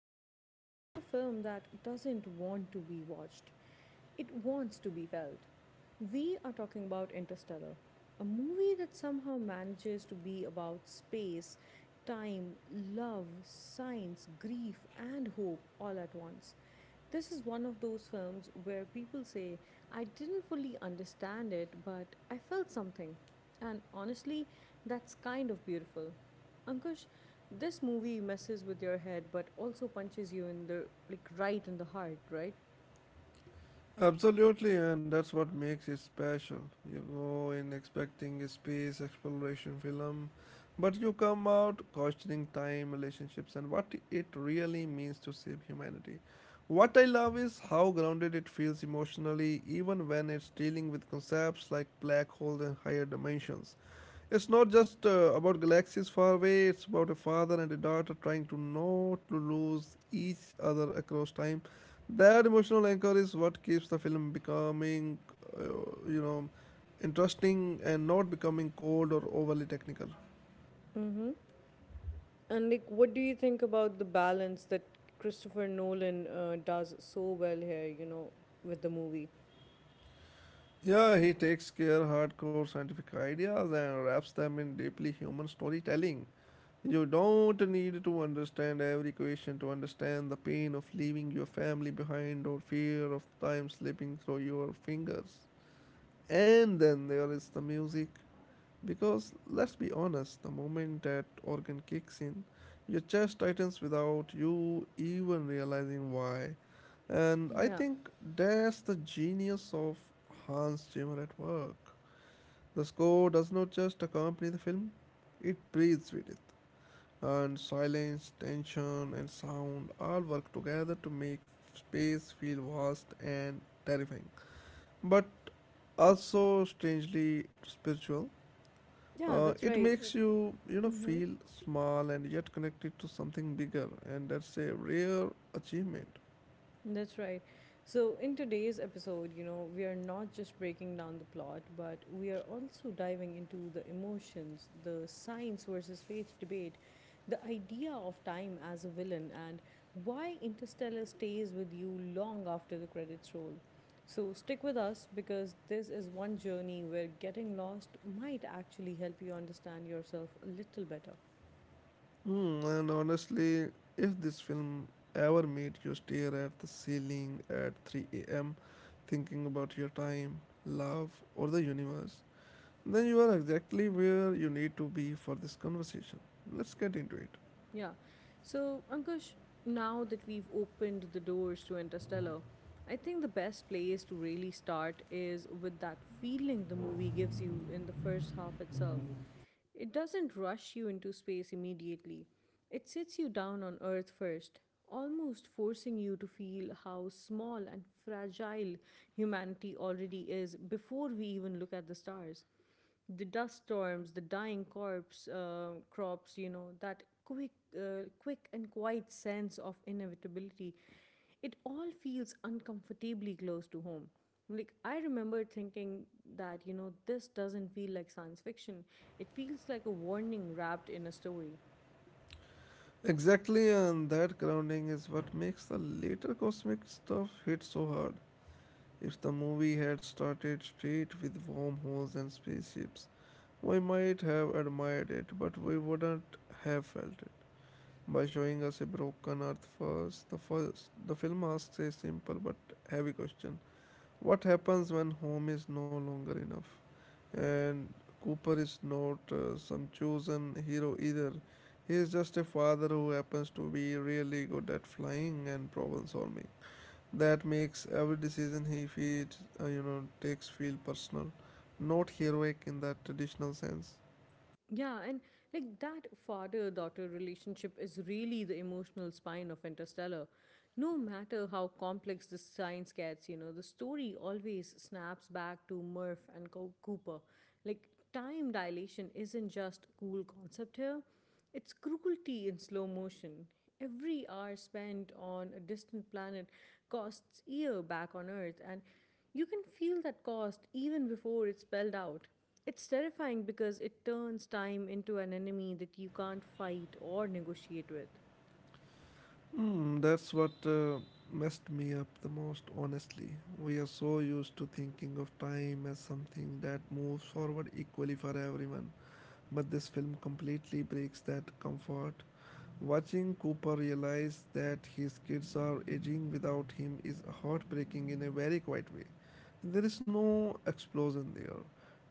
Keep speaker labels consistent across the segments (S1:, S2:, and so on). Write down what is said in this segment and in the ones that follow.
S1: we are stepping into a film that doesn't want to be watched, it wants to be felt. We are talking about Interstellar, a movie that somehow manages to be about space, time, love, science, grief, and hope all at once. This is one of those films where people say, I didn't fully understand it, but I felt something. And honestly, that's kind of beautiful. Ankush, this movie messes with your head but also punches you in the like right in the heart, right?
S2: Absolutely, and that's what makes it special. You go in expecting a space exploration film, but you come out questioning time, relationships, and what it really means to save humanity. What I love is how grounded it feels emotionally, even when it's dealing with concepts like black holes and higher dimensions. It's not just about galaxies far away. It's about a father and a daughter trying to not to lose each other across time. That emotional anchor is what keeps the film becoming, uh, you know, interesting and not becoming cold or overly technical.
S1: And like, what do you think about the balance that Christopher Nolan does so well here? You know, with the movie.
S2: Yeah, he takes care hardcore scientific ideas and wraps them in deeply human storytelling. You don't need to understand every question to understand the pain of leaving your family behind or fear of time slipping through your fingers. And then there is the music. Because let's be honest, the moment that organ kicks in, your chest tightens without you even realizing why. And I
S1: Yeah,
S2: think that's the genius of Hans Zimmer at work. The score does not just accompany the film, it breathes with it, and silence, tension, and sound all work together to make space feel vast and terrifying, but also strangely spiritual.
S1: yeah, that's
S2: It
S1: right.
S2: makes you,
S1: Mm-hmm.
S2: feel small and yet connected to something bigger, and that's a rare achievement.
S1: That's right. So, in today's episode, you know, we are not just breaking down the plot, but we are also diving into the emotions, the science versus fate debate, the idea of time as a villain, and why Interstellar stays with you long after the credits roll. So, stick with us because this is one journey where getting lost might actually help you understand yourself a little better.
S2: And honestly, if this film ever made you stare at the ceiling at 3 a.m., thinking about your time, love, or the universe, then you are exactly where you need to be for this conversation. Let's get into it.
S1: Yeah. So, Ankush, now that we've opened the doors to Interstellar, I think the best place to really start is with that feeling the movie gives you in the first half itself. It doesn't rush you into space immediately, it sits you down on Earth first, almost forcing you to feel how small and fragile humanity already is before we even look at the stars the dust storms, the dying corpse crops, you know, that quick and quiet sense of inevitability, it all feels uncomfortably close to home. Like I remember thinking that you know this doesn't feel like science fiction. It feels like a warning wrapped in a story.
S2: Exactly, and that grounding is what makes the later cosmic stuff hit so hard. If the movie had started straight with wormholes and spaceships, we might have admired it, but we wouldn't have felt it. By showing us a broken Earth first, the film asks a simple but heavy question: what happens when home is no longer enough? And Cooper is not some chosen hero either. He is just a father who happens to be really good at flying and problem solving. That makes every decision he feels, you know, takes feel personal, not heroic in that traditional sense.
S1: Yeah, and like that father daughter relationship is really the emotional spine of Interstellar. No matter how complex the science gets, you know, the story always snaps back to Murph and Cooper. Like, time dilation isn't just a cool concept here, it's cruelty in slow motion. Every hour spent on a distant planet costs year back on Earth, and you can feel that cost even before it's spelled out. It's terrifying because it turns time into an enemy that you can't fight or negotiate with.
S2: That's what messed me up the most, honestly. We are so used to thinking of time as something that moves forward equally for everyone, but this film completely breaks that comfort. Watching Cooper realize that his kids are aging without him is heartbreaking in a very quiet way. There is no explosion there,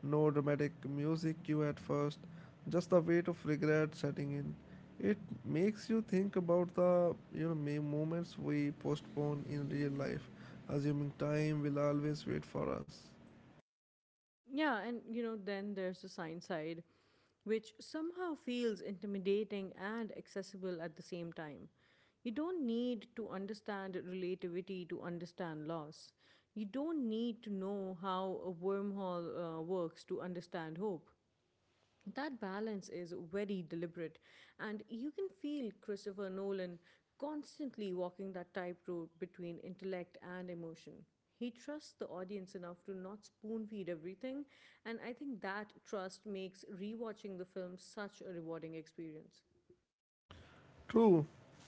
S2: no dramatic music cue at first, just the weight of regret setting in. It makes you think about the moments we postpone in real life, assuming time will always wait for us.
S1: Yeah, and you know, then there's the science side, which somehow feels intimidating and accessible at the same time. You don't need to understand relativity to understand loss. You don't need to know how a wormhole works to understand hope. That balance is very deliberate, and you can feel Christopher Nolan constantly walking that tightrope between intellect and emotion. He trusts the audience enough to not spoon feed everything, and I think that trust makes rewatching the film such a rewarding experience.
S2: True,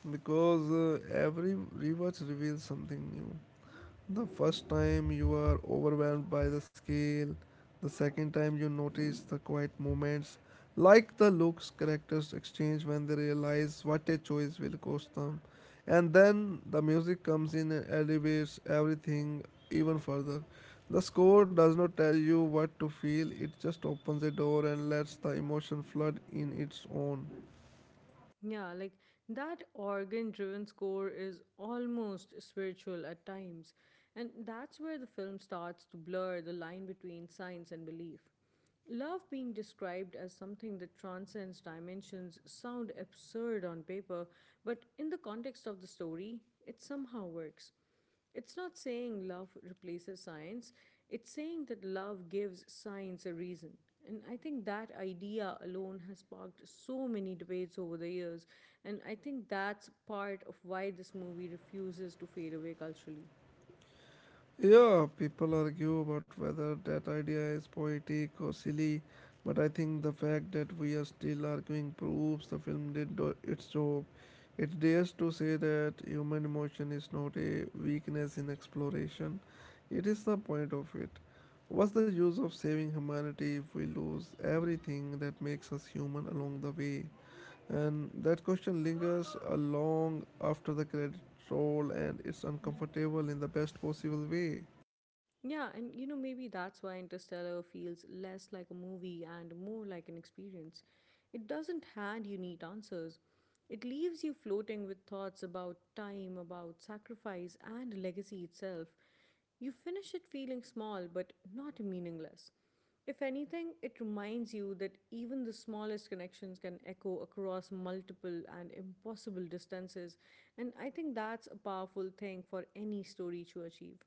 S2: because every rewatch reveals something new. The first time you are overwhelmed by the scale, the second time you notice the quiet moments, like the looks characters exchange when they realize what a choice will cost them. And then the music comes in and elevates everything even further. The score does not tell you what to feel, it just opens a door and lets the emotion flood in its own.
S1: Yeah, like that organ driven score is almost spiritual at times, and that's where the film starts to blur the line between science and belief. Love being described as something that transcends dimensions sound absurd on paper, but in the context of the story, it somehow works. It's not saying love replaces science, it's saying that love gives science a reason. And I think that idea alone has sparked so many debates over the years, and I think that's part of why this movie refuses to fade away culturally.
S2: Yeah, people argue about whether that idea is poetic or silly, but I think the fact that we are still arguing proves the film did do its job. It dares to say that human emotion is not a weakness in exploration, it is the point of it. What's the use of saving humanity if we lose everything that makes us human along the way? And that question lingers along after the credit roll, and it's uncomfortable in the best possible way.
S1: Yeah, and you know, maybe that's why Interstellar feels less like a movie and more like an experience. It doesn't hand you neat answers. It leaves you floating with thoughts about time, about sacrifice, and legacy itself. You finish it feeling small, but not meaningless. If anything, it reminds you that even the smallest connections can echo across multiple and impossible distances, and I think that's a powerful thing for any story to achieve.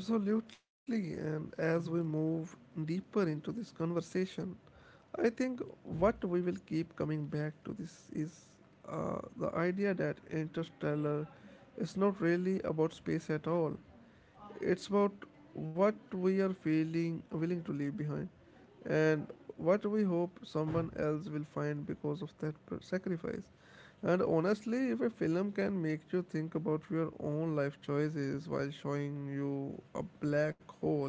S2: Absolutely, and as we move deeper into this conversation, I think what we will keep coming back to this is the idea that Interstellar is not really about space at all. It's about what we are feeling willing to leave behind and what we hope someone else will find because of that sacrifice. And honestly, if a film can make you think about your own life choices while showing you a black hole,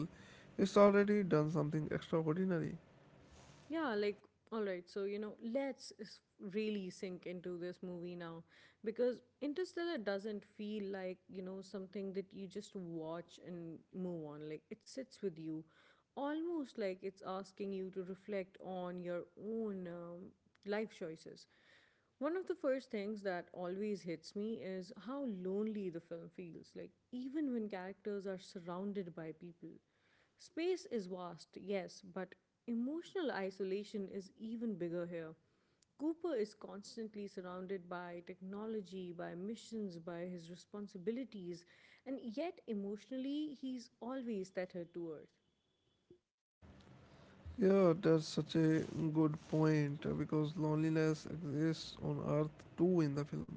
S2: it's already done something extraordinary.
S1: Yeah, like, all right, so, you know, let's really sink into this movie now because Interstellar doesn't feel like, you know, something that you just watch and move on. Like, it sits with you almost like it's asking you to reflect on your own life choices. One of the first things that always hits me is how lonely the film feels, like, even when characters are surrounded by people. Space is vast, yes, but emotional isolation is even bigger here. Cooper is constantly surrounded by technology, by missions, by his responsibilities, and yet emotionally he's always tethered to Earth.
S2: Yeah, that's such a good point because loneliness exists on Earth too in the film.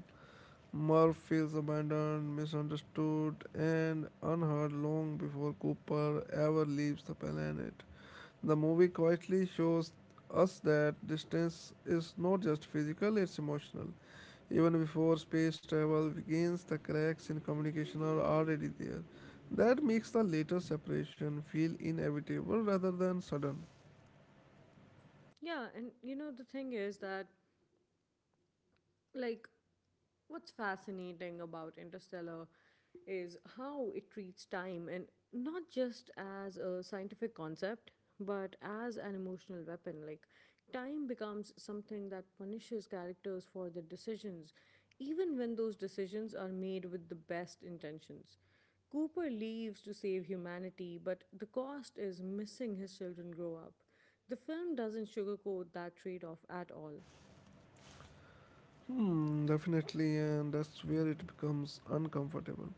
S2: Murph feels abandoned, misunderstood, and unheard long before Cooper ever leaves the planet. The movie quietly shows us that distance is not just physical, it's emotional. Even before space travel begins, the cracks in communication are already there. That makes the later separation feel inevitable rather than sudden.
S1: Yeah, and you know, the thing is that, like, what's fascinating about Interstellar is how it treats time and not just as a scientific concept, but as an emotional weapon. Like, time becomes something that punishes characters for their decisions, even when those decisions are made with the best intentions. Cooper leaves to save humanity, but the cost is missing his children grow up. The film doesn't sugarcoat that trade off at all.
S2: Definitely, and that's where it becomes uncomfortable.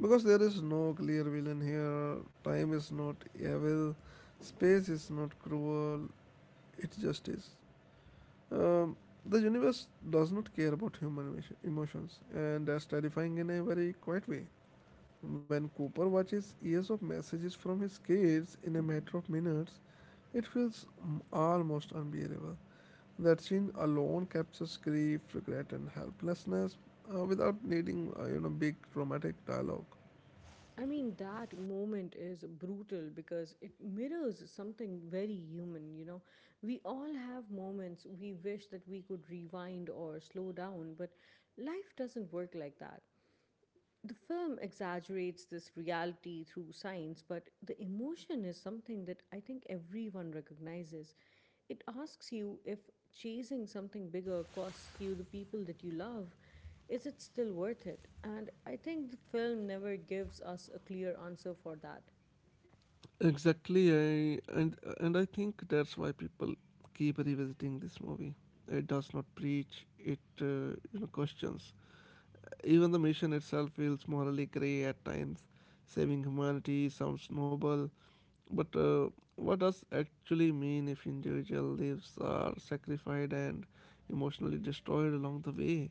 S2: Because there is no clear villain here, time is not evil, space is not cruel, it just is. Um, the universe does not care about human emotions, and that's terrifying in a very quiet way. When Cooper watches years of messages from his kids in a matter of minutes, it feels almost unbearable. That scene alone captures grief, regret, and helplessness without needing big dramatic dialogue.
S1: I mean, that moment is brutal because it mirrors something very human, you know. We all have moments we wish that we could rewind or slow down, but life doesn't work like that the film exaggerates this reality through science, but the emotion is something that I think everyone recognizes. It asks you if chasing something bigger costs you the people that you love, is it still worth it? And I think the film never gives us a clear answer for that.
S2: Exactly, I, and I think that's why people keep revisiting this movie. It does not preach; it questions. Even the mission itself feels morally gray at times. Saving humanity sounds noble, but what does actually mean if individual lives are sacrificed and emotionally destroyed along the way?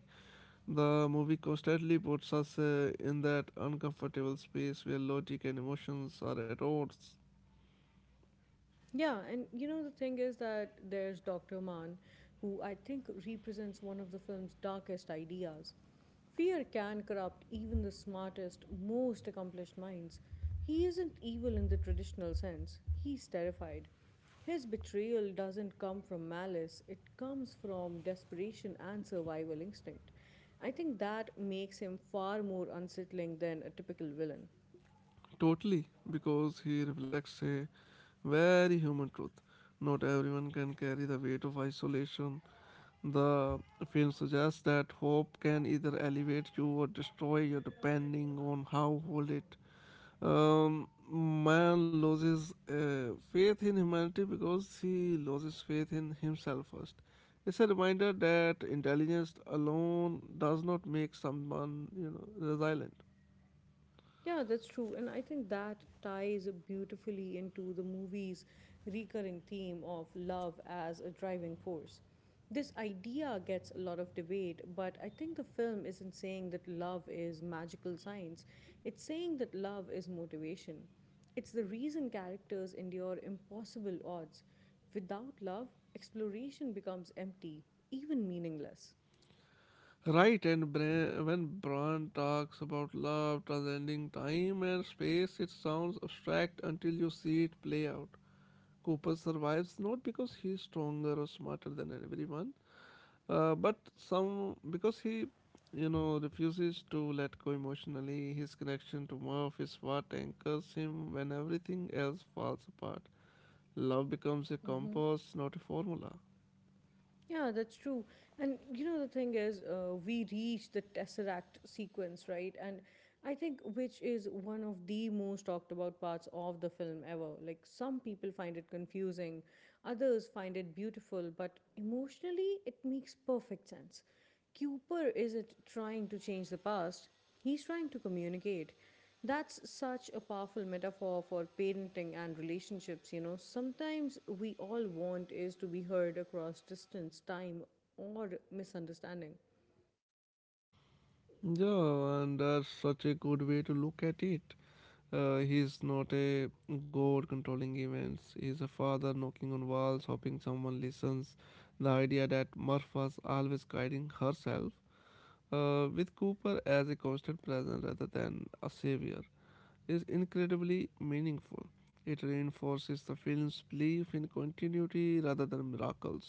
S2: The movie constantly puts us in that uncomfortable space where logic and emotions are at odds.
S1: Yeah, and you know the thing is that there's Dr. Mann, who I think represents one of the film's darkest ideas. Fear can corrupt even the smartest, most accomplished minds. He isn't evil in the traditional sense, he's terrified. His betrayal doesn't come from malice, it comes from desperation and survival instinct. I think that makes him far more unsettling than a typical villain.
S2: Totally, because he reflects a very human truth. Not everyone can carry the weight of isolation. The film suggests that hope can either elevate you or destroy you, depending on how hold it. Man loses faith in humanity because he loses faith in himself first. It's a reminder that intelligence alone does not make someone, resilient.
S1: Yeah, that's true. And I think that ties beautifully into the movie's recurring theme of love as a driving force. This idea gets a lot of debate, but I think the film isn't saying that love is magical science. It's saying that love is motivation. It's the reason characters endure impossible odds. Without love, exploration becomes empty, even meaningless.
S2: Right, and when Brand talks about love transcending time and space, it sounds abstract until you see it play out. Cooper survives not because he's stronger or smarter than everyone, but some because he, refuses to let go emotionally. His connection to Murph is what anchors him when everything else falls apart. Love becomes a
S1: Mm-hmm.
S2: compass, not a formula.
S1: Yeah, that's true. And you know, the thing is, we reach the tesseract sequence, right? And I think which is one of the most talked about parts of the film ever. Like, some people find it confusing, others find it beautiful, but emotionally, it makes perfect sense. Cooper isn't trying to change the past, he's trying to communicate. That's such a powerful metaphor for parenting and relationships, you know. Sometimes we all want is to be heard across distance, time, or misunderstanding.
S2: Yeah, and that's such a good way to look at it. He's not a god controlling events. He's a father knocking on walls, hoping someone listens. The idea that Murph was always guiding herself with Cooper as a constant presence rather than a savior is incredibly meaningful. It reinforces the film's belief in continuity rather than miracles.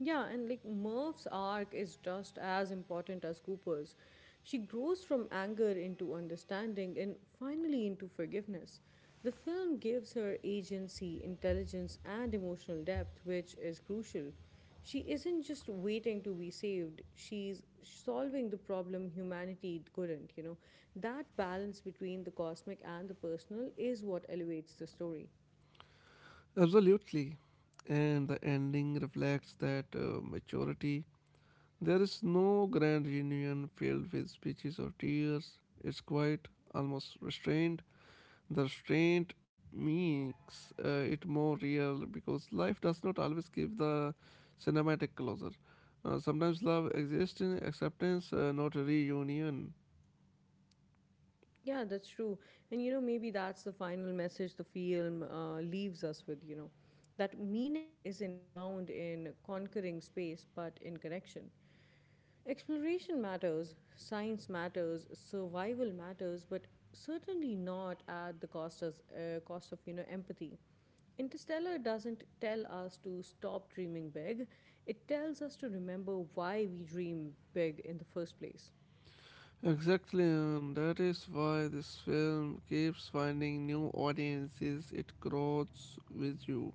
S1: Yeah, and like Murph's arc is just as important as Cooper's. She grows from anger into understanding and finally into forgiveness. The film gives her agency, intelligence, and emotional depth, which is crucial. She isn't just waiting to be saved, she's solving the problem humanity couldn't, you know. That balance between the cosmic and the personal is what elevates the story.
S2: Absolutely. And the ending reflects that maturity. There is no grand reunion filled with speeches or tears. It's quiet, almost restrained. The restraint makes it more real because life does not always give the cinematic closure. Sometimes love exists in acceptance, not reunion.
S1: Yeah, that's true. And you know, maybe that's the final message the film leaves us with, you know, that meaning isn't found in conquering space, but in connection. Exploration matters, science matters, survival matters, but certainly not at the cost of you know, empathy. Interstellar doesn't tell us to stop dreaming big, it tells us to remember why we dream big in the first place.
S2: Exactly, and that is why this film keeps finding new audiences. It grows with you.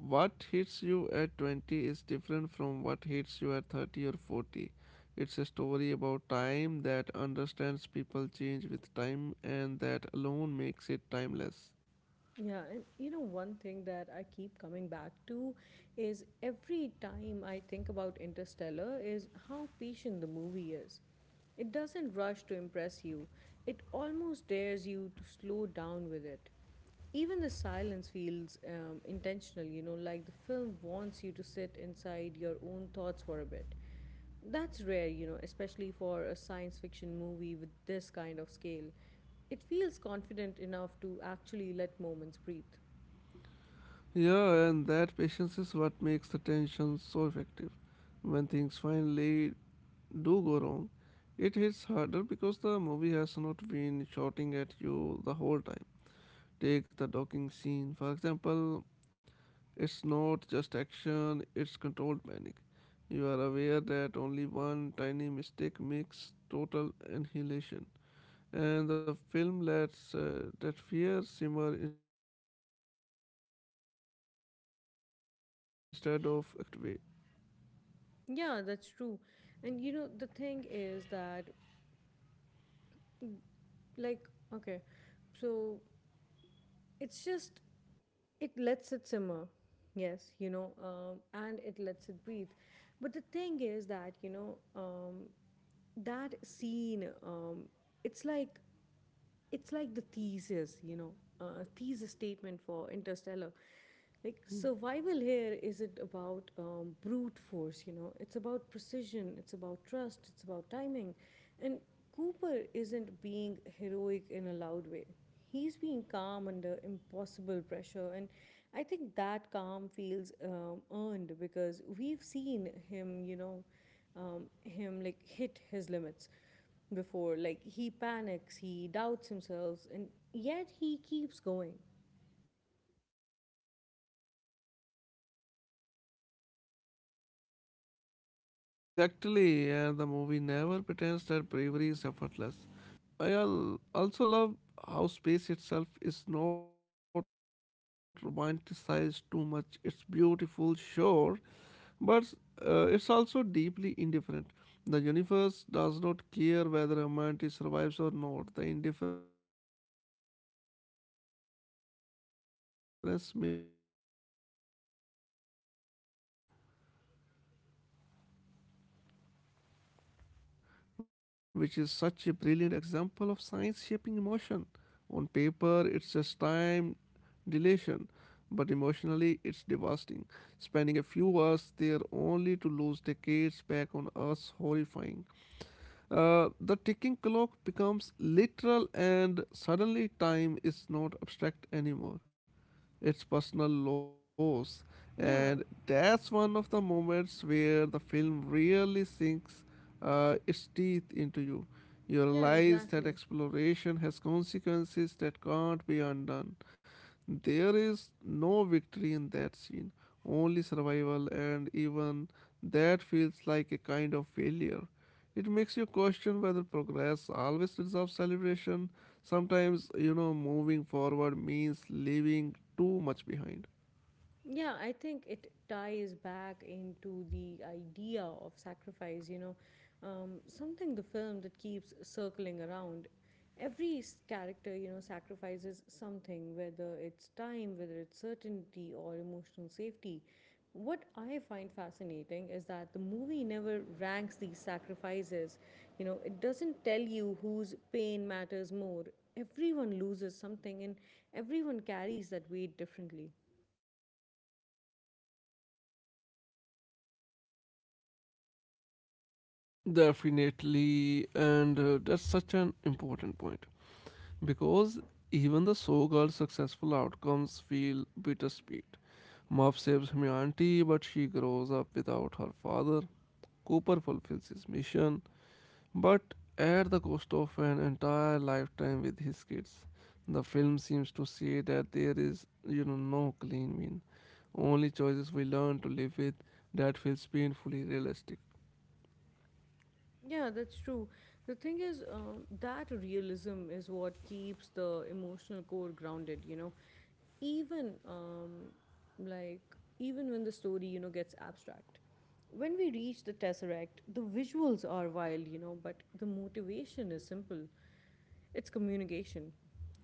S2: What hits you at 20 is different from what hits you at 30 or 40. It's a story about time that understands people change with time, and that alone makes it timeless.
S1: Yeah, and you know, one thing that I keep coming back to is every time I think about Interstellar is how patient the movie is. It doesn't rush to impress you, it almost dares you to slow down with it. Even the silence feels intentional, you know, like the film wants you to sit inside your own thoughts for a bit. That's rare, you know, especially for a science fiction movie with this kind of scale. It feels confident enough to actually let moments breathe.
S2: Yeah, and that patience is what makes the tension so effective. When things finally do go wrong, it hits harder because the movie has not been shouting at you the whole time. Take the docking scene, for example, it's not just action, it's controlled panic. You are aware that only one tiny mistake makes total annihilation, and the film lets that fear simmer instead of exploding immediately. It's stressful in most intelligent way.
S1: Yeah, that's true. And you know, the thing is that, mm, like, okay, so it's just, it lets it simmer. Yes, you know, and it lets it breathe. But the thing is that, you know, that scene, it's like it's like the thesis, you know, thesis statement for Interstellar. Like survival here isn't about brute force, you know. It's about precision. It's about trust. It's about timing, and Cooper isn't being heroic in a loud way. He's being calm under impossible pressure, and I think that calm feels earned because we've seen him, you know, him hit his limits before. Like he panics, he doubts himself, and yet he keeps going.
S2: Exactly, and the movie never pretends that bravery is effortless. Fear is always present, just managed. Uh, Also love how space itself is not romanticized too much. It's beautiful, sure, but it's also deeply indifferent. The universe does not care whether humanity survives or not. The indifference makes every emotional moment feel even more fragile. And then there is Miller's Planet, which is such a brilliant example of science shaping emotion. On paper, it's just time dilation, but emotionally, it's devastating. Spending a few hours there only to lose decades back on Earth's horrifying. The ticking clock becomes literal, and suddenly time is not abstract anymore. It's personal loss,
S1: Yeah,
S2: and that's one of the moments where the film really sinks its teeth into you. You
S1: yeah,
S2: realize that
S1: exactly.
S2: exploration has consequences that can't be undone. There is no victory in that scene, only survival, and even that feels like a kind of failure. It makes you question whether progress always deserves celebration. Sometimes, moving forward means leaving too much behind.
S1: Yeah, I think it ties back into the idea of sacrifice, you know, something the film that keeps circling around. Every character, you know, sacrifices something, whether it's time, whether it's certainty, or emotional safety. What I find fascinating is that the movie never ranks these sacrifices. You know, it doesn't tell you whose pain matters more. Everyone loses something and everyone carries that weight differently.
S2: Definitely, and that's such an important point because even the so called successful outcomes feel bittersweet. Muff saves humanity, but she grows up without her father. Cooper fulfills his mission, but at the cost of an entire lifetime with his kids. The film seems to say that there is, no clean win, only choices we learn to live with that feels painfully realistic.
S1: Yeah, that's true. The thing is, that realism is what keeps the emotional core grounded, you know. Even um, like Even when the story, you know, gets abstract. When we reach the Tesseract, the visuals are wild, you know, but the motivation is simple. It's communication.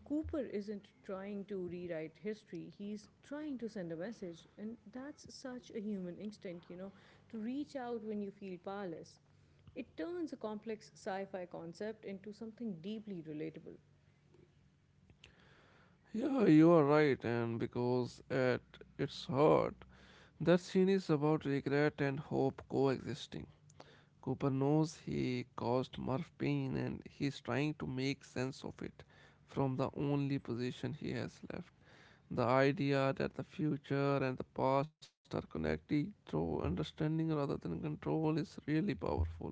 S1: Cooper isn't trying to rewrite history, he's trying to send a message. And that's such a human instinct, you know, to reach out when you feel powerless. It turns a complex sci fi concept into something deeply relatable.
S2: Yeah, you are right, and because at its heart, that scene is about regret and hope coexisting. Cooper knows he caused Murph pain and he's trying to make sense of it from the only position he has left. The idea that the future and the past are connected through understanding rather than control is really powerful.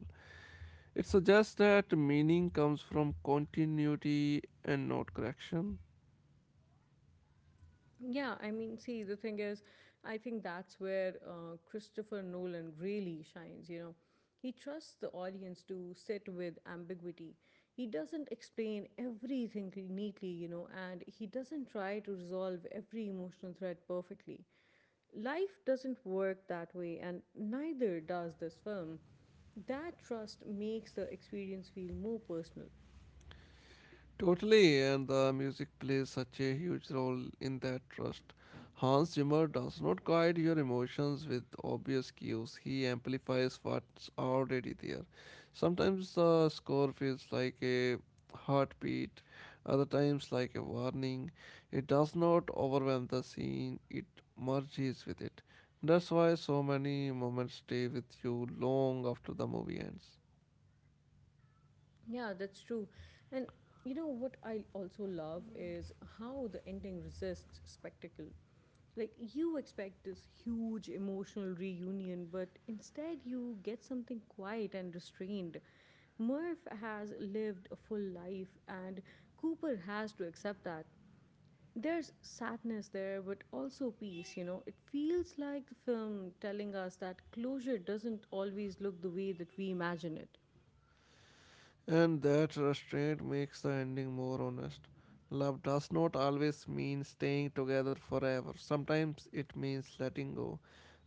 S2: It suggests that meaning comes from continuity and not correction.
S1: Yeah, I mean, see, the thing is, I think that's where Christopher Nolan really shines, you know. He trusts the audience to sit with ambiguity. He doesn't explain everything neatly, you know, and he doesn't try to resolve every emotional thread perfectly. Life doesn't work that way, and neither does this film. That trust makes the experience feel more personal.
S2: Totally, and the music plays such a huge role in that trust. Hans Zimmer does not guide your emotions with obvious cues, he amplifies what's already there. Sometimes the score feels like a heartbeat, other times like a warning. It does not overwhelm the scene, it merges with it. That's why so many moments stay with you long after the movie ends.
S1: Yeah, that's true. And you know what I also love is how the ending resists spectacle. Like you expect this huge emotional reunion, but instead you get something quiet and restrained. Murph has lived a full life, and Cooper has to accept that. There's sadness there, but also peace, you know. It feels like the film telling us that closure doesn't always look the way that we imagine it.
S2: And that restraint makes the ending more honest. Love does not always mean staying together forever, sometimes it means letting go.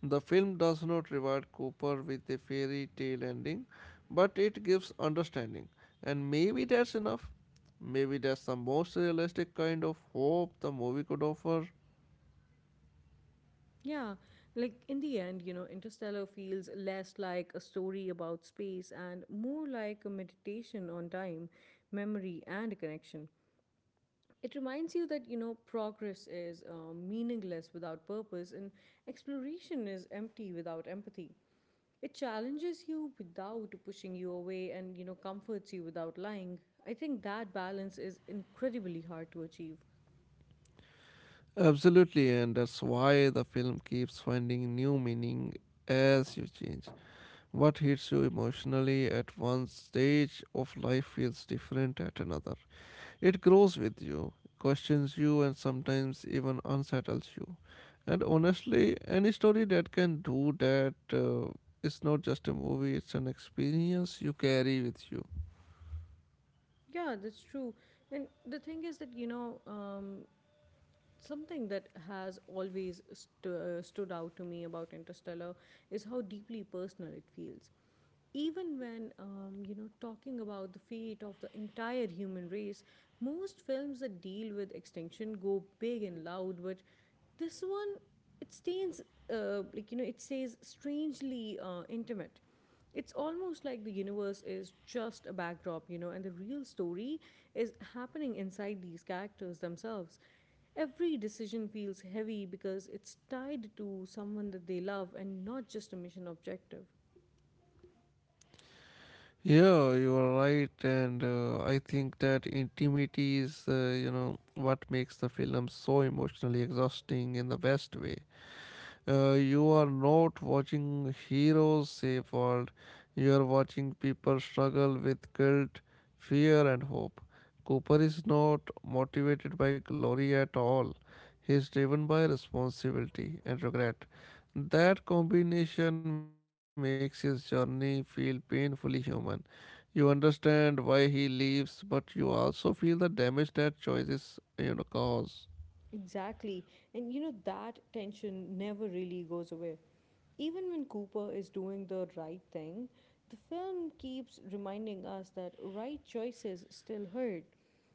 S2: The film does not reward Cooper with a fairy tale ending, but it gives understanding. And maybe that's enough. Maybe that's the most realistic kind of hope the movie could offer.
S1: Yeah, like in the end, you know, Interstellar feels less like a story about space and more like a meditation on time, memory, and connection. It reminds you that, you know, progress is meaningless without purpose and exploration is empty without empathy. It challenges you without pushing you away and, you know, comforts you without lying. I think that balance is incredibly hard to achieve.
S2: Absolutely, and that's why the film keeps finding new meaning as you change. What hits you emotionally at one stage of life feels different at another. It grows with you, questions you, and sometimes even unsettles you. And honestly, any story that can do that is not just a movie, it's an experience you carry with you.
S1: Yeah, that's true. And the thing is that, you know, something that has always stood out to me about Interstellar is how deeply personal it feels. Even when, you know, talking about the fate of the entire human race, most films that deal with extinction go big and loud, but this one, it stays, you know, it stays strangely intimate. It's almost like the universe is just a backdrop, you know, and the real story is happening inside these characters themselves. Every decision feels heavy because it's tied to someone that they love and not just a mission objective.
S2: Yeah, you are right, and I think that intimacy is, what makes the film so emotionally exhausting in the best way. You are not watching heroes save world. You are watching people struggle with guilt, fear, and hope. Cooper is not motivated by glory at all. He is driven by responsibility and regret. That combination makes his journey feel painfully human. You understand why he leaves, but you also feel the damage that choices cause.
S1: Exactly. And you know, that tension never really goes away. Even when Cooper is doing the right thing, the film keeps reminding us that right choices still hurt.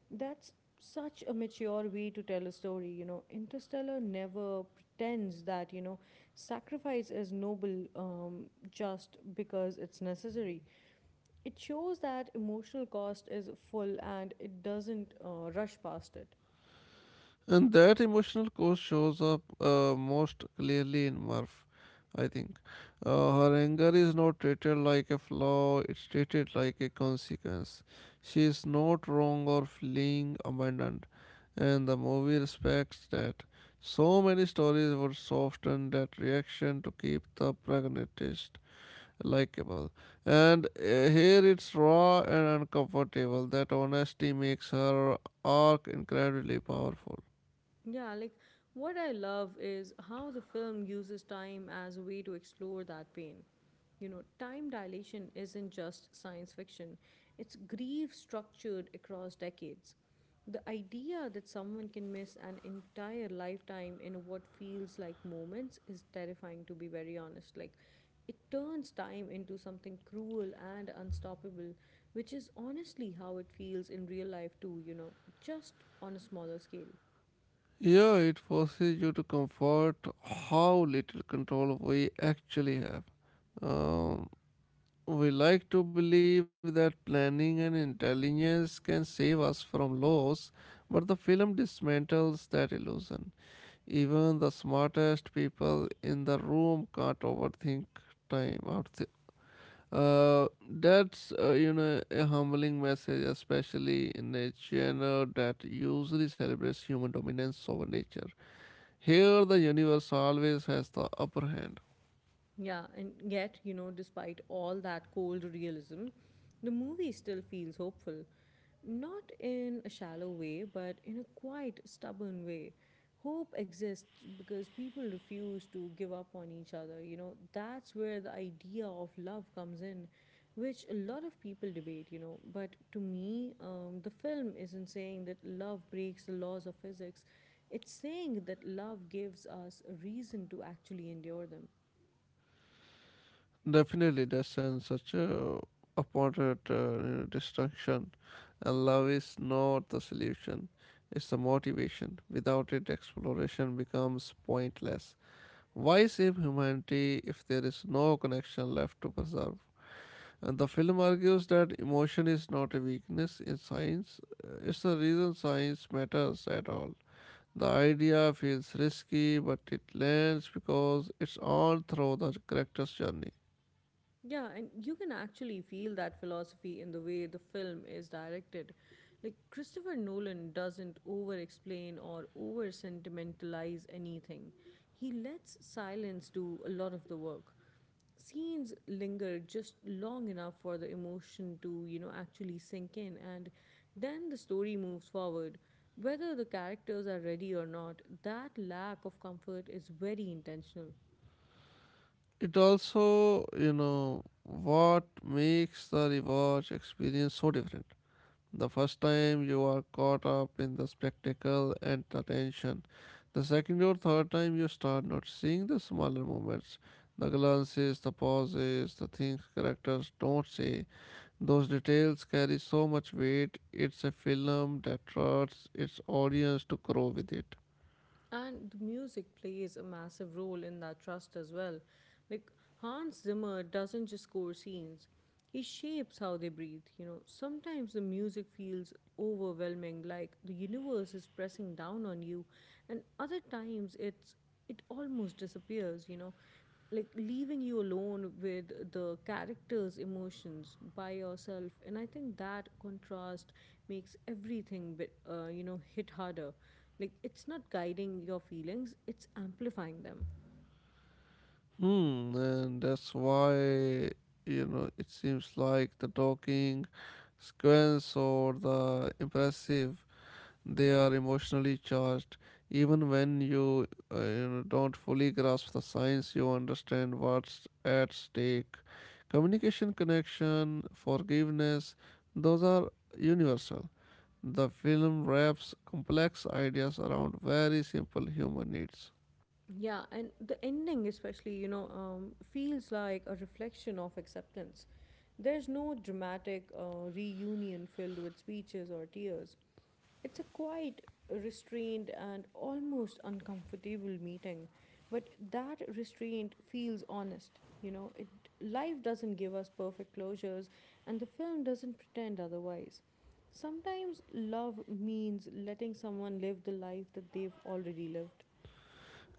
S1: That's such a mature way to tell a story, you know. Interstellar never pretends that, you know, sacrifice is noble just because it's necessary. It shows that emotional cost is full and it doesn't rush past it.
S2: And that emotional core shows up most clearly in Murph, I think. Her anger is not treated like a flaw, it's treated like a consequence. She is not wrong or fleeing abandoned, and the movie respects that. So many stories would soften that reaction to keep the protagonist likable. And here it's raw and uncomfortable. That honesty makes her arc incredibly powerful.
S1: Yeah, like what I love is how the film uses time as a way to explore that pain. You know, time dilation isn't just science fiction, it's grief structured across decades. The idea that someone can miss an entire lifetime in what feels like moments is terrifying, to be very honest. Like, it turns time into something cruel and unstoppable, which is honestly how it feels in real life, too, you know, just on a smaller scale.
S2: Yeah, it forces you to comfort how little control we actually have. Um, we like to believe that planning and intelligence can save us from loss, but the film dismantles that illusion. Even the smartest people in the room can't overthink time out there. That's a humbling message, especially in a genre that usually celebrates human dominance over nature. Here, the universe always has the upper hand.
S1: Yeah, and yet, you know, despite all that cold realism, the movie still feels hopeful. Not in a shallow way, but in a quite stubborn way. Hope exists because people refuse to give up on each other. You know, that's where the idea of love comes in, which a lot of people debate, you know. But to me, the film isn't saying that love breaks the laws of physics, it's saying that love gives us a reason to actually endure them.
S2: Definitely, destined such a appointed destruction, and love is not the solution. It's the motivation. Without it, exploration becomes pointless. Why save humanity if there is no connection left to preserve? And the film argues that emotion is not a weakness in science, it's the reason science matters at all. The idea feels risky, but it lands because it's all through the character's journey.
S1: Yeah, and you can actually feel that philosophy in the way the film is directed. Like, Christopher Nolan doesn't over explain or over sentimentalize anything, he lets silence do a lot of the work. Scenes linger just long enough for the emotion to, you know, actually sink in, and then the story moves forward. Whether the characters are ready or not, that lack of comfort is very intentional.
S2: It also, what makes the rewatch experience so different. The first time you are caught up in the spectacle and the tension. The second or third time you start noticing the smaller moments, the glances, the pauses, the things characters don't say. Those details carry so much weight. It's a film that trusts its audience to grow with it.
S1: And the music plays a massive role in that trust as well. Like Hans Zimmer doesn't just score scenes, he shapes how they breathe. You know, sometimes the music feels overwhelming, like the universe is pressing down on you, and other times it almost disappears, you know, like leaving you alone with the character's emotions by yourself. And I think that contrast makes everything bit you know, hit harder. Like it's not guiding your feelings, it's amplifying them.
S2: Hmm, and that's why it seems like the talking sequence or the impressive they are emotionally charged. Even when you you know don't fully grasp the science, you understand what's at stake. Communication, connection, forgiveness, those are universal. The film wraps complex ideas around very simple human needs.
S1: Yeah, and the ending, especially, you know, feels like a reflection of acceptance. There's no dramatic reunion filled with speeches or tears. It's a quite restrained, and almost uncomfortable meeting, but that restraint feels honest. You know, it life doesn't give us perfect closures, and the film doesn't pretend otherwise. Sometimes love means letting someone live the life that they've already lived.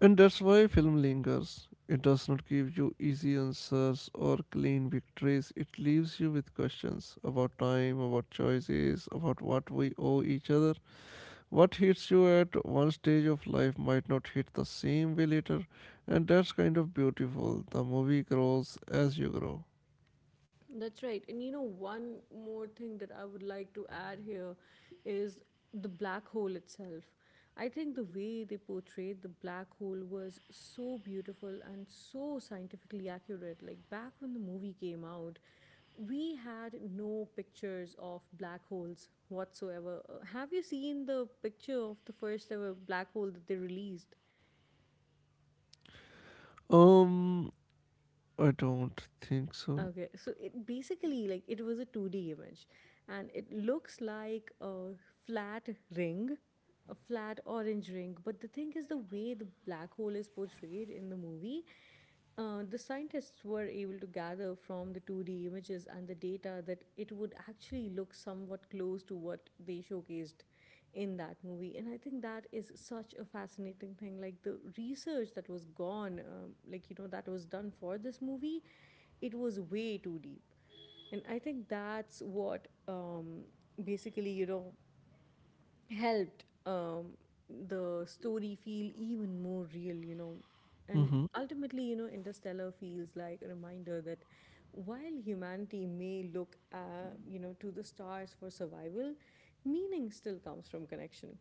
S2: And that's why film lingers. It does not give you easy answers or clean victories. It leaves you with questions about time, about choices, about what we owe each other. What hits you at one stage of life might not hit the same way later, and that's kind of beautiful. The movie grows as you grow.
S1: That's right. And you know, one more thing that I would like to add here is the black hole itself. I think the way they portrayed the black hole was so beautiful and so scientifically accurate. Like back when the movie came out, we had no pictures of black holes whatsoever. Have you seen the picture of the first ever black hole that they released?
S2: Um, I don't think so.
S1: Okay, so it basically like it was a 2D image and it looks like a flat ring, a flat orange ring. But the thing is, the way the black hole is portrayed in the movie, the scientists were able to gather from the 2D images and the data that it would actually look somewhat close to what they showcased in that movie. And I think that is such a fascinating thing. Like the research that was gone that was done for this movie, it was way too deep. And I think that's what basically, you know, helped the story feel even more real, you know. And
S2: Mm-hmm.
S1: ultimately, you know, Interstellar feels like a reminder that while humanity may look, you know, to the stars for survival, meaning still comes from connection.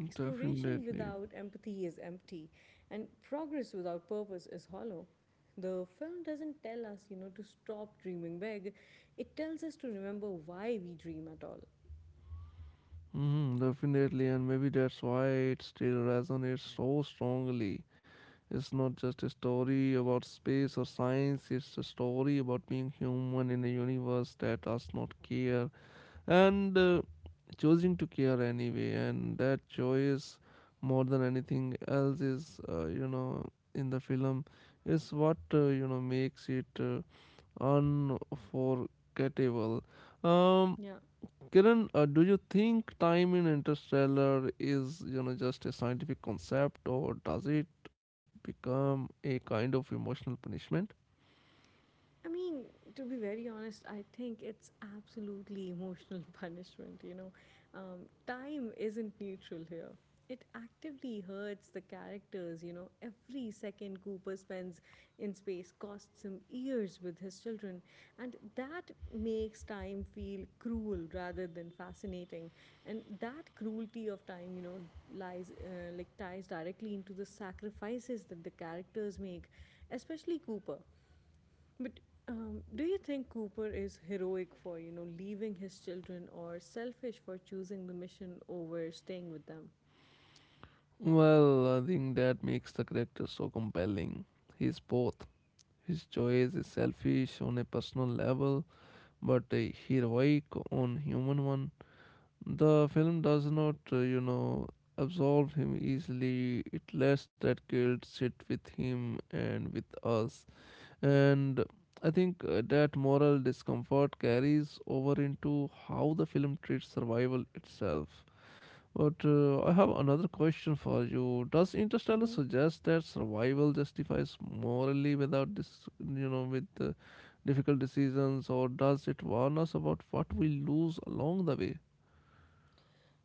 S1: Exploration
S2: Definitely.
S1: without empathy is empty, and progress without purpose is hollow. The film doesn't tell us, you know, to stop dreaming big. It tells us to remember why we dream at all.
S2: Mm, definitely, and maybe that's why it still resonates so strongly. It's not just a story about space or science, it's a story about being human in a universe that does not care and choosing to care anyway. And that choice, more than anything else, is, in the film, is what, makes it unforgettable. Um,
S1: Yeah.
S2: Kiran, do you think time in Interstellar is, just a scientific concept, or does it become a kind of emotional punishment?
S1: I mean, to be very honest, I think it's absolutely emotional punishment, you know. Um, time isn't neutral here. It actively hurts the characters, you know. Every second Cooper spends in space costs him years with his children, and that makes time feel cruel rather than fascinating. And that cruelty of time, you know, lies like ties directly into the sacrifices that the characters make, especially Cooper, but do you think Cooper is heroic for, you know, leaving his children or selfish for choosing the mission over staying with them?
S2: Well, I think that makes the character so compelling. He's both. His choice is selfish on a personal level, but a heroic on human one. The film does not, absolve him easily. It lets that guilt sit with him and with us. And I think that moral discomfort carries over into how the film treats survival itself. But I have another question for you. Does Interstellar
S1: Hmm.
S2: suggest that survival justifies morally without this, with difficult decisions, or does it warn us about what we lose along the way?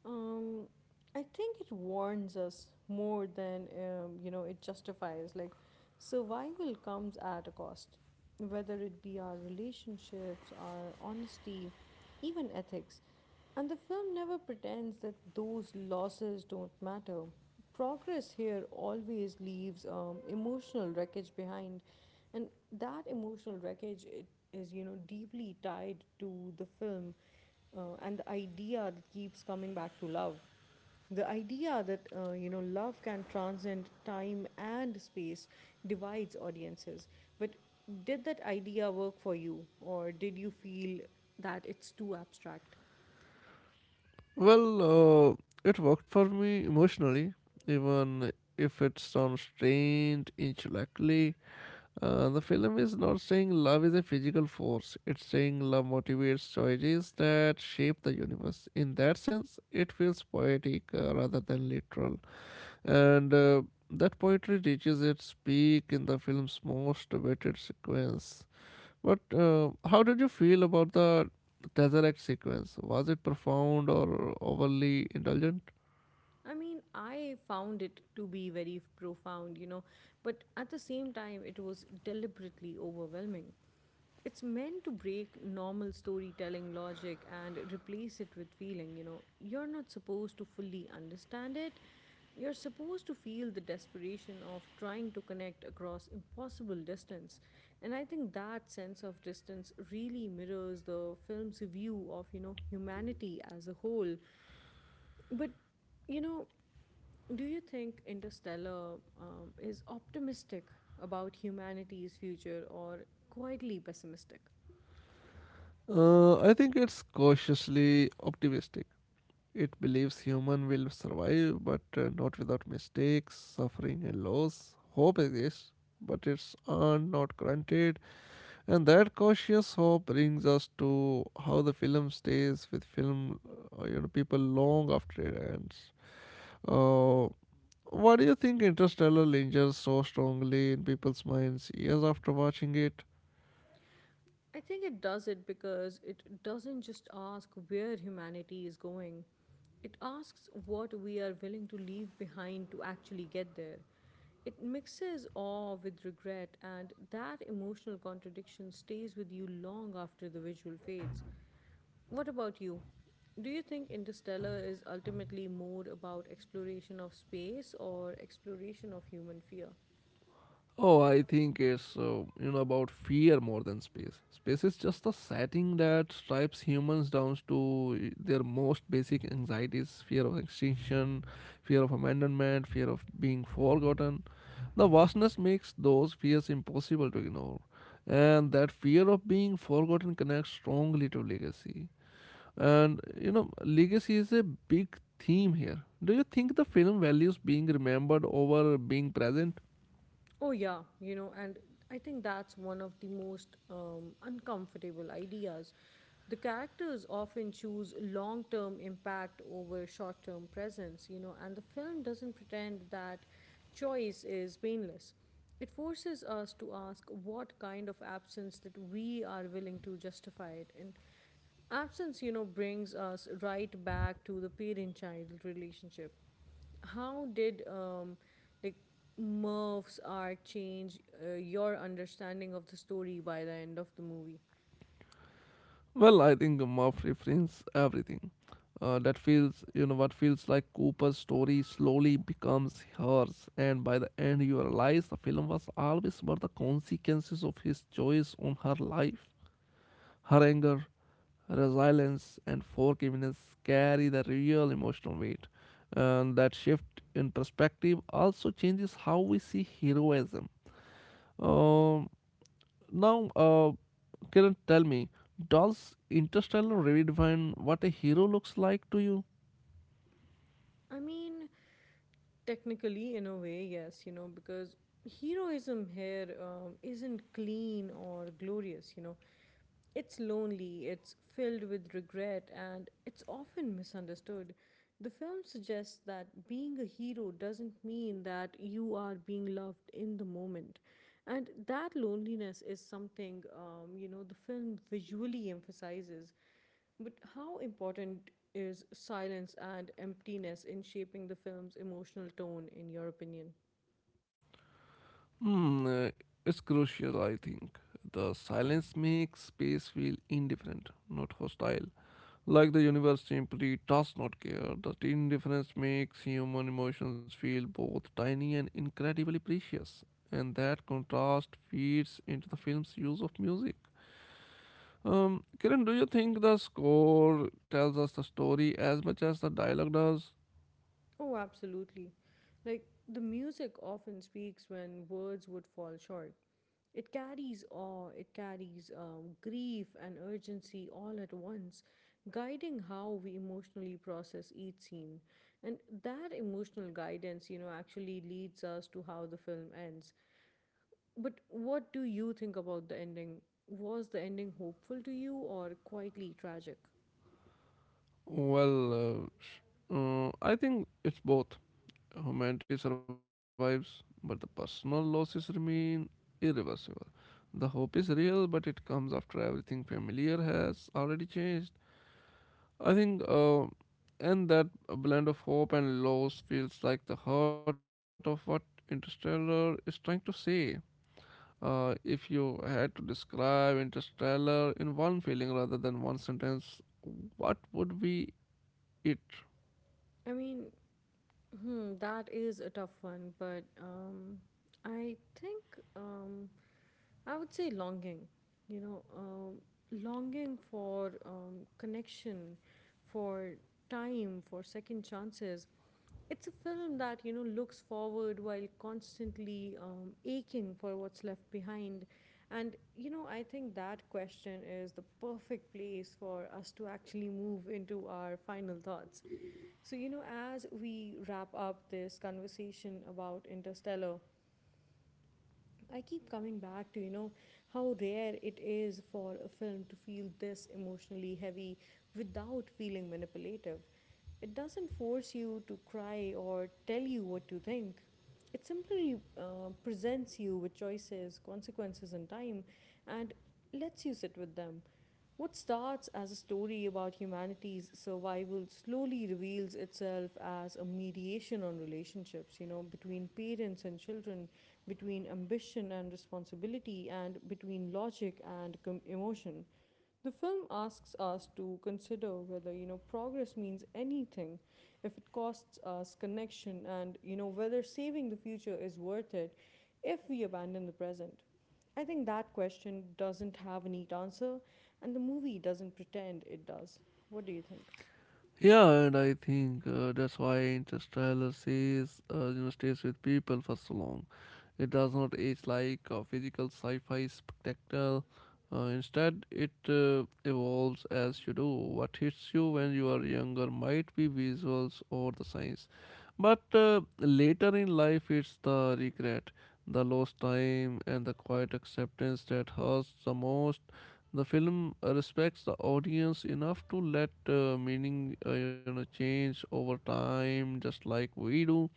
S1: Um, I think it warns us more than you know, it justifies. Like survival comes at a cost, whether it be our relationships, our honesty, even ethics. And the film never pretends that those losses don't matter. Progress here always leaves emotional wreckage behind, and that emotional wreckage, it is, you know, deeply tied to the film. And the idea that keeps coming back to love, the idea that you know, love can transcend time and space divides audiences. But did that idea work for you, or did you feel that it's too abstract?
S2: Well, it worked for me emotionally, even if it sounds strange intellectually. The film is not saying love is a physical force. It's saying love motivates choices that shape the universe. In that sense, it feels poetic rather than literal. And that poetry reaches its peak in the film's most awaited sequence. But how did you feel about the Tesseract sequence? Was it profound or overly indulgent?
S1: I mean, I found it to be very profound, you know, but at the same time, it was deliberately overwhelming. It's meant to break normal storytelling logic and replace it with feeling. You know, you're not supposed to fully understand it, you're supposed to feel the desperation of trying to connect across impossible distance. And I think that sense of distance really mirrors the film's view of, you know, humanity as a whole. But you know, do you think Interstellar is optimistic about humanity's future or quietly pessimistic?
S2: I think it's cautiously optimistic. It believes human will survive, but not without mistakes, suffering, and loss. Hope exists, but it's earned, not granted. And that cautious hope brings us to how the film stays with film, people long after it ends. Uh, why do you think Interstellar lingers so strongly in people's minds years after watching it?
S1: I think it does it because it doesn't just ask where humanity is going, it asks what we are willing to leave behind to actually get there. It mixes awe with regret, and that emotional contradiction stays with you long after the visual fades. What about you? Do you think Interstellar is ultimately more about exploration of space or exploration of human fear?
S2: Oh, I think it's about fear more than space. Space is just a setting that strips humans down to their most basic anxieties: fear of extinction, fear of abandonment, fear of being forgotten. The vastness makes those fears impossible to ignore, and that fear of being forgotten connects strongly to legacy. And you know, legacy is a big theme here. Do you think the film values being remembered over being present?
S1: Oh, yeah, you know, and I think that's one of the most uncomfortable ideas. The characters often choose long term impact over short term presence, you know, and the film doesn't pretend that choice is painless. It forces us to ask what kind of absence that we are willing to justify it. And absence, you know, brings us right back to the parent child relationship. How did um, like Murph's arc change your understanding of the story by the end of the movie?
S2: Well, I think Murph reframes everything. That feels, what feels like Cooper's story slowly becomes hers, and by the end, you realize the film was always about the consequences of his choice on her life. Her anger, resilience, and forgiveness carry the real emotional weight. And that shift in perspective also changes how we see heroism. Um, now, uh, Kiran, tell me, does Interstellar redefine what a hero looks like to you?
S1: I mean, technically, in a way, yes, you know, because heroism here isn't clean or glorious, you know. It's lonely, it's filled with regret, and it's often misunderstood. The film suggests that being a hero doesn't mean that you are being loved in the moment. And that loneliness is something, you know, the film visually emphasizes. But how important is silence and emptiness in shaping the film's emotional tone, in your opinion?
S2: Hmm, it's crucial, I think. The silence makes space feel indifferent, not hostile. Like the universe simply does not care. The indifference makes human emotions feel both tiny and incredibly precious. And that contrast feeds into the film's use of music. Kiran, do you think the score tells us the story as much as the dialogue does?
S1: Oh, absolutely. Like, the music often speaks when words would fall short. It carries awe, it carries grief and urgency all at once, guiding how we emotionally process each scene. And that emotional guidance, you know, actually leads us to how the film ends. But what do you think about the ending? Was the ending hopeful to you or quietly tragic?
S2: Well, I think it's both. Humanity survives, but the personal losses remain irreversible. The hope is real, but it comes after everything familiar has already changed. I think, and that a blend of hope and loss feels like the heart of what Interstellar is trying to say. If you had to describe Interstellar in one feeling rather than one sentence, what would be it?
S1: I mean, that is a tough one, but I think um, I would say longing, you know, longing for connection, for time, for second chances. It's a film that, you know, looks forward while constantly aching for what's left behind. And, you know, I think that question is the perfect place for us to actually move into our final thoughts. So, you know, as we wrap up this conversation about Interstellar, I keep coming back to, you know, how rare it is for a film to feel this emotionally heavy without feeling manipulative. It doesn't force you to cry or tell you what to think. It simply presents you with choices, consequences, and time and lets you sit with them. What starts as a story about humanity's survival slowly reveals itself as a mediation on relationships, you know, between parents and children, between ambition and responsibility, and between logic and emotion. The film asks us to consider whether you know progress means anything, if it costs us connection, and you know whether saving the future is worth it if we abandon the present. I think that question doesn't have a neat answer, and the movie doesn't pretend it does. What do you think?
S2: Yeah, and I think that's why Interstellar says, stays with people for so long. It does not age like a physical sci-fi spectacle. Instead, it evolves as you do. What hits you when you are younger might be visuals or the science, but later in life, it's the regret, the lost time, and the quiet acceptance that hurts the most. The film respects the audience enough to let meaning, change over time, just like we do.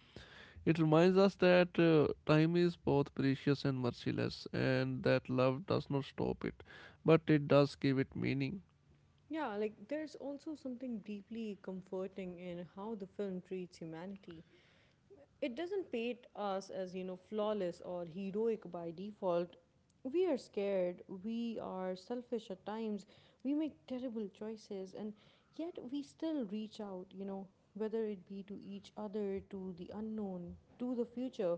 S2: It reminds us that time is both precious and merciless, and that love does not stop it, but it does give it meaning.
S1: Yeah, like there's also something deeply comforting in how the film treats humanity. It doesn't paint us as, you know, flawless or heroic by default. We are scared, we are selfish at times, we make terrible choices, and yet we still reach out, you know, whether it be to each other, to the unknown, to the future.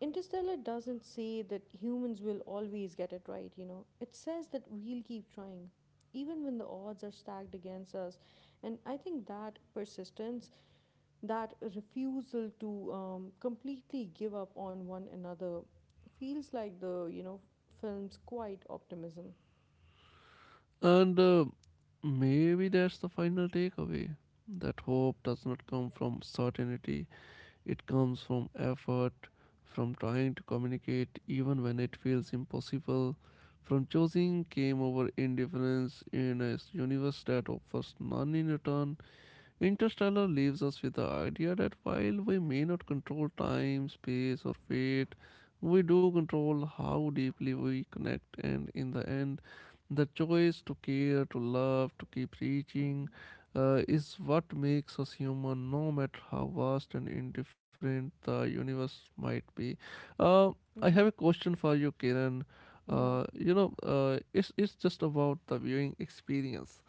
S1: Interstellar doesn't say that humans will always get it right, you know, it says that we'll keep trying even when the odds are stacked against us. And I think that persistence, that refusal to completely give up on one another, feels like the, you know, film's quiet optimism.
S2: And maybe that's the final takeaway that hope does not come from certainty, it comes from effort, from trying to communicate even when it feels impossible, from choosing came over indifference in a universe that offers none in return. Interstellar leaves us with the idea that while we may not control time, space, or fate, we do control how deeply we connect, and in the end, the choice to care, to love, to keep reaching is what makes us human, no matter how vast and indifferent the universe might be. Uh, I have a
S1: Mm-hmm.
S2: question for you, Kiran.
S1: Yeah.
S2: It's just about the viewing experience.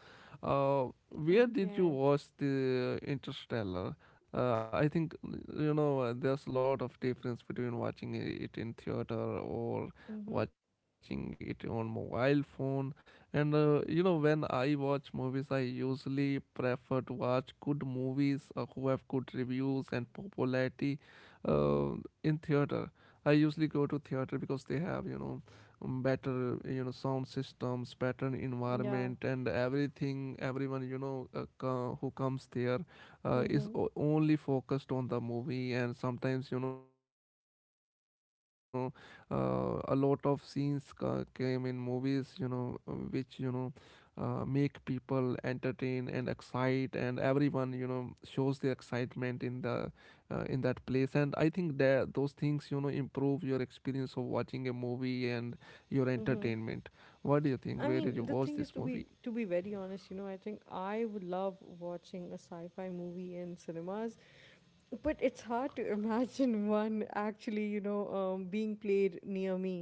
S2: Where did you
S1: Okay.
S2: watch the Interstellar? I think there's a lot of difference between watching it in theater or
S1: Mm-hmm.
S2: watching it on mobile phone. And when I watch movies, I usually prefer to watch good movies who have good reviews and popularity
S1: Mm-hmm.
S2: uh, in theater. I usually go to theater because they have better sound systems, better
S1: Yeah.
S2: environment and everything, everyone who comes there
S1: Mm-hmm.
S2: only focused on the movie, and sometimes a lot of scenes came in movies which make people entertain and excite, and everyone shows the excitement in the in that place, and I think that those things improve your experience of watching a movie and your entertainment.
S1: Mm-hmm.
S2: What do you think? Where did you
S1: I
S2: watch this
S1: mean, the
S2: movie?
S1: thing is, to be very honest, you know, I think I would love watching a sci-fi movie in cinemas, but it's hard to imagine one actually, you know, being played near me.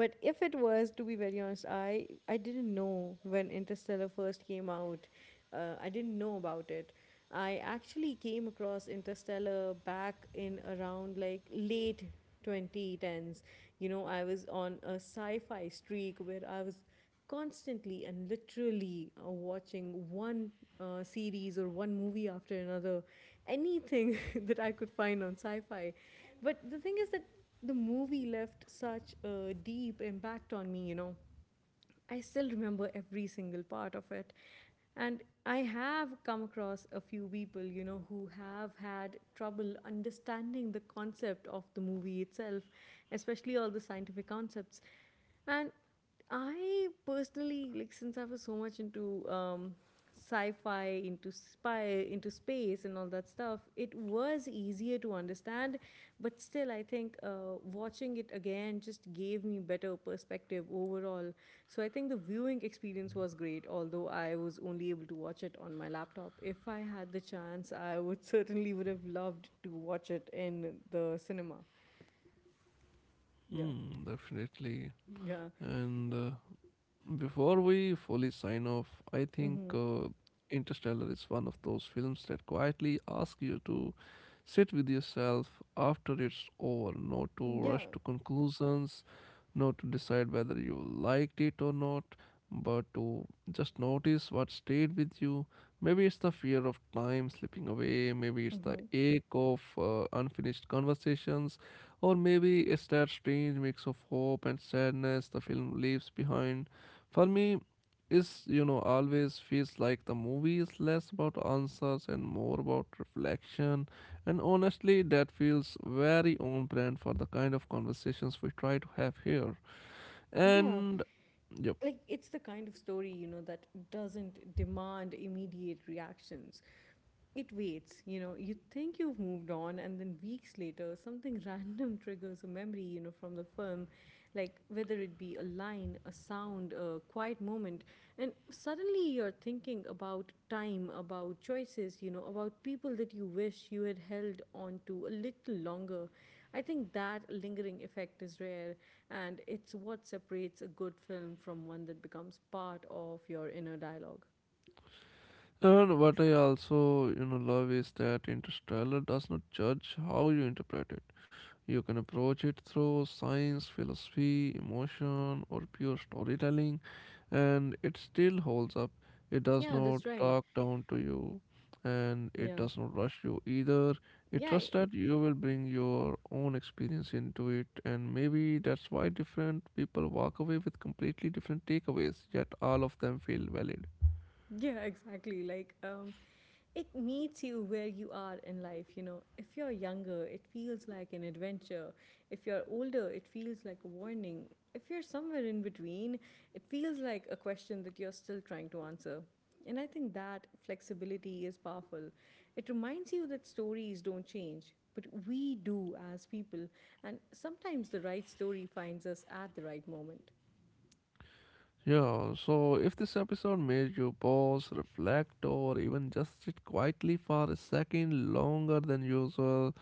S1: But if it was, to be very honest, I didn't know when Interstellar first came out. I didn't know about it. I actually came across Interstellar back in around like late 2010s. You know, I was on a sci-fi streak where I was constantly and literally watching one series or one movie after another, anything that I could find on sci fi. But the thing is that the movie left such a deep impact on me, you know. I still remember every single part of it. And I have come across a few people, you know, who have had trouble understanding the concept of the movie itself, especially all the scientific concepts. And I personally, like, since I was so much into sci-fi, into spy, into space and all that stuff, it was easier to understand. But still, I think watching it again just gave me better perspective overall. So I think the viewing experience was great, although I was only able to watch it on my laptop. If I had the chance, I would certainly would have loved to watch it in the cinema. Yeah.
S2: Mm, definitely.
S1: Yeah.
S2: And before we fully sign off, I think
S1: Mm-hmm.
S2: Interstellar is one of those films that quietly ask you to sit with yourself after it's over, not to rush
S1: Yeah.
S2: to conclusions, not to decide whether you liked it or not, but to just notice what stayed with you. Maybe it's the fear of time slipping away, maybe it's the
S1: Mm-hmm.
S2: ache of unfinished conversations, or maybe it's that strange mix of hope and sadness the film leaves behind. For me, it's always feels like the movie is less about answers and more about reflection, and honestly, that feels very on brand for the kind of conversations we try to have here.
S1: Yeah,
S2: And yep.
S1: like it's the kind of story, you know, that doesn't demand immediate reactions. It waits. You know, you think you've moved on, and then weeks later something random triggers a memory, you know, from the film, like whether it be a line, a sound, a quiet moment. And suddenly you're thinking about time, about choices, you know, about people that you wish you had held on to a little longer. I think that lingering effect is rare, and it's what separates a good film from one that becomes part of your inner dialogue.
S2: And what I also, love is that Interstellar does not judge how you interpret it. You can approach it through science, philosophy, emotion, or pure storytelling, and it still holds up. It does
S1: Yeah,
S2: not
S1: that's right.
S2: talk down to you, and it
S1: Yeah.
S2: does not rush you either. It
S1: Yeah,
S2: trusts that
S1: it,
S2: you will bring your own experience into it, and maybe that's why different people walk away with completely different takeaways, yet all of them feel valid.
S1: yeah, exactly. Like, it meets you where you are in life. You know, if you're younger it feels like an adventure, if you're older it feels like a warning, if you're somewhere in between it feels like a question that you're still trying to answer. And I think that flexibility is powerful. It reminds you that stories don't change but we do as people, and sometimes the right story finds us at the right moment.
S2: Yeah, so if this episode made you pause, reflect, or even just sit quietly for a second longer than usual,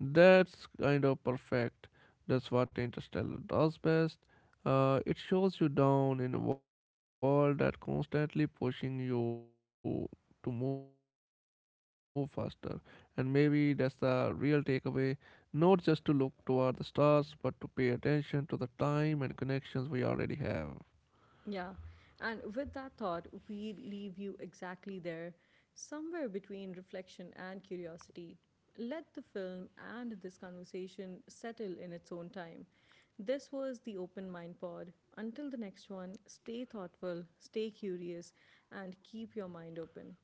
S2: that's kind of perfect. That's what Interstellar does best. It shows you down in a world that constantly pushing you to move faster. And maybe that's the real takeaway, not just to look toward the stars, but to pay attention to the time and connections we already have.
S1: Yeah. And with that thought, we leave you exactly there, somewhere between reflection and curiosity. Let the film and this conversation settle in its own time. This was the Open Mind Pod. Until the next one, stay thoughtful, stay curious, and keep your mind open.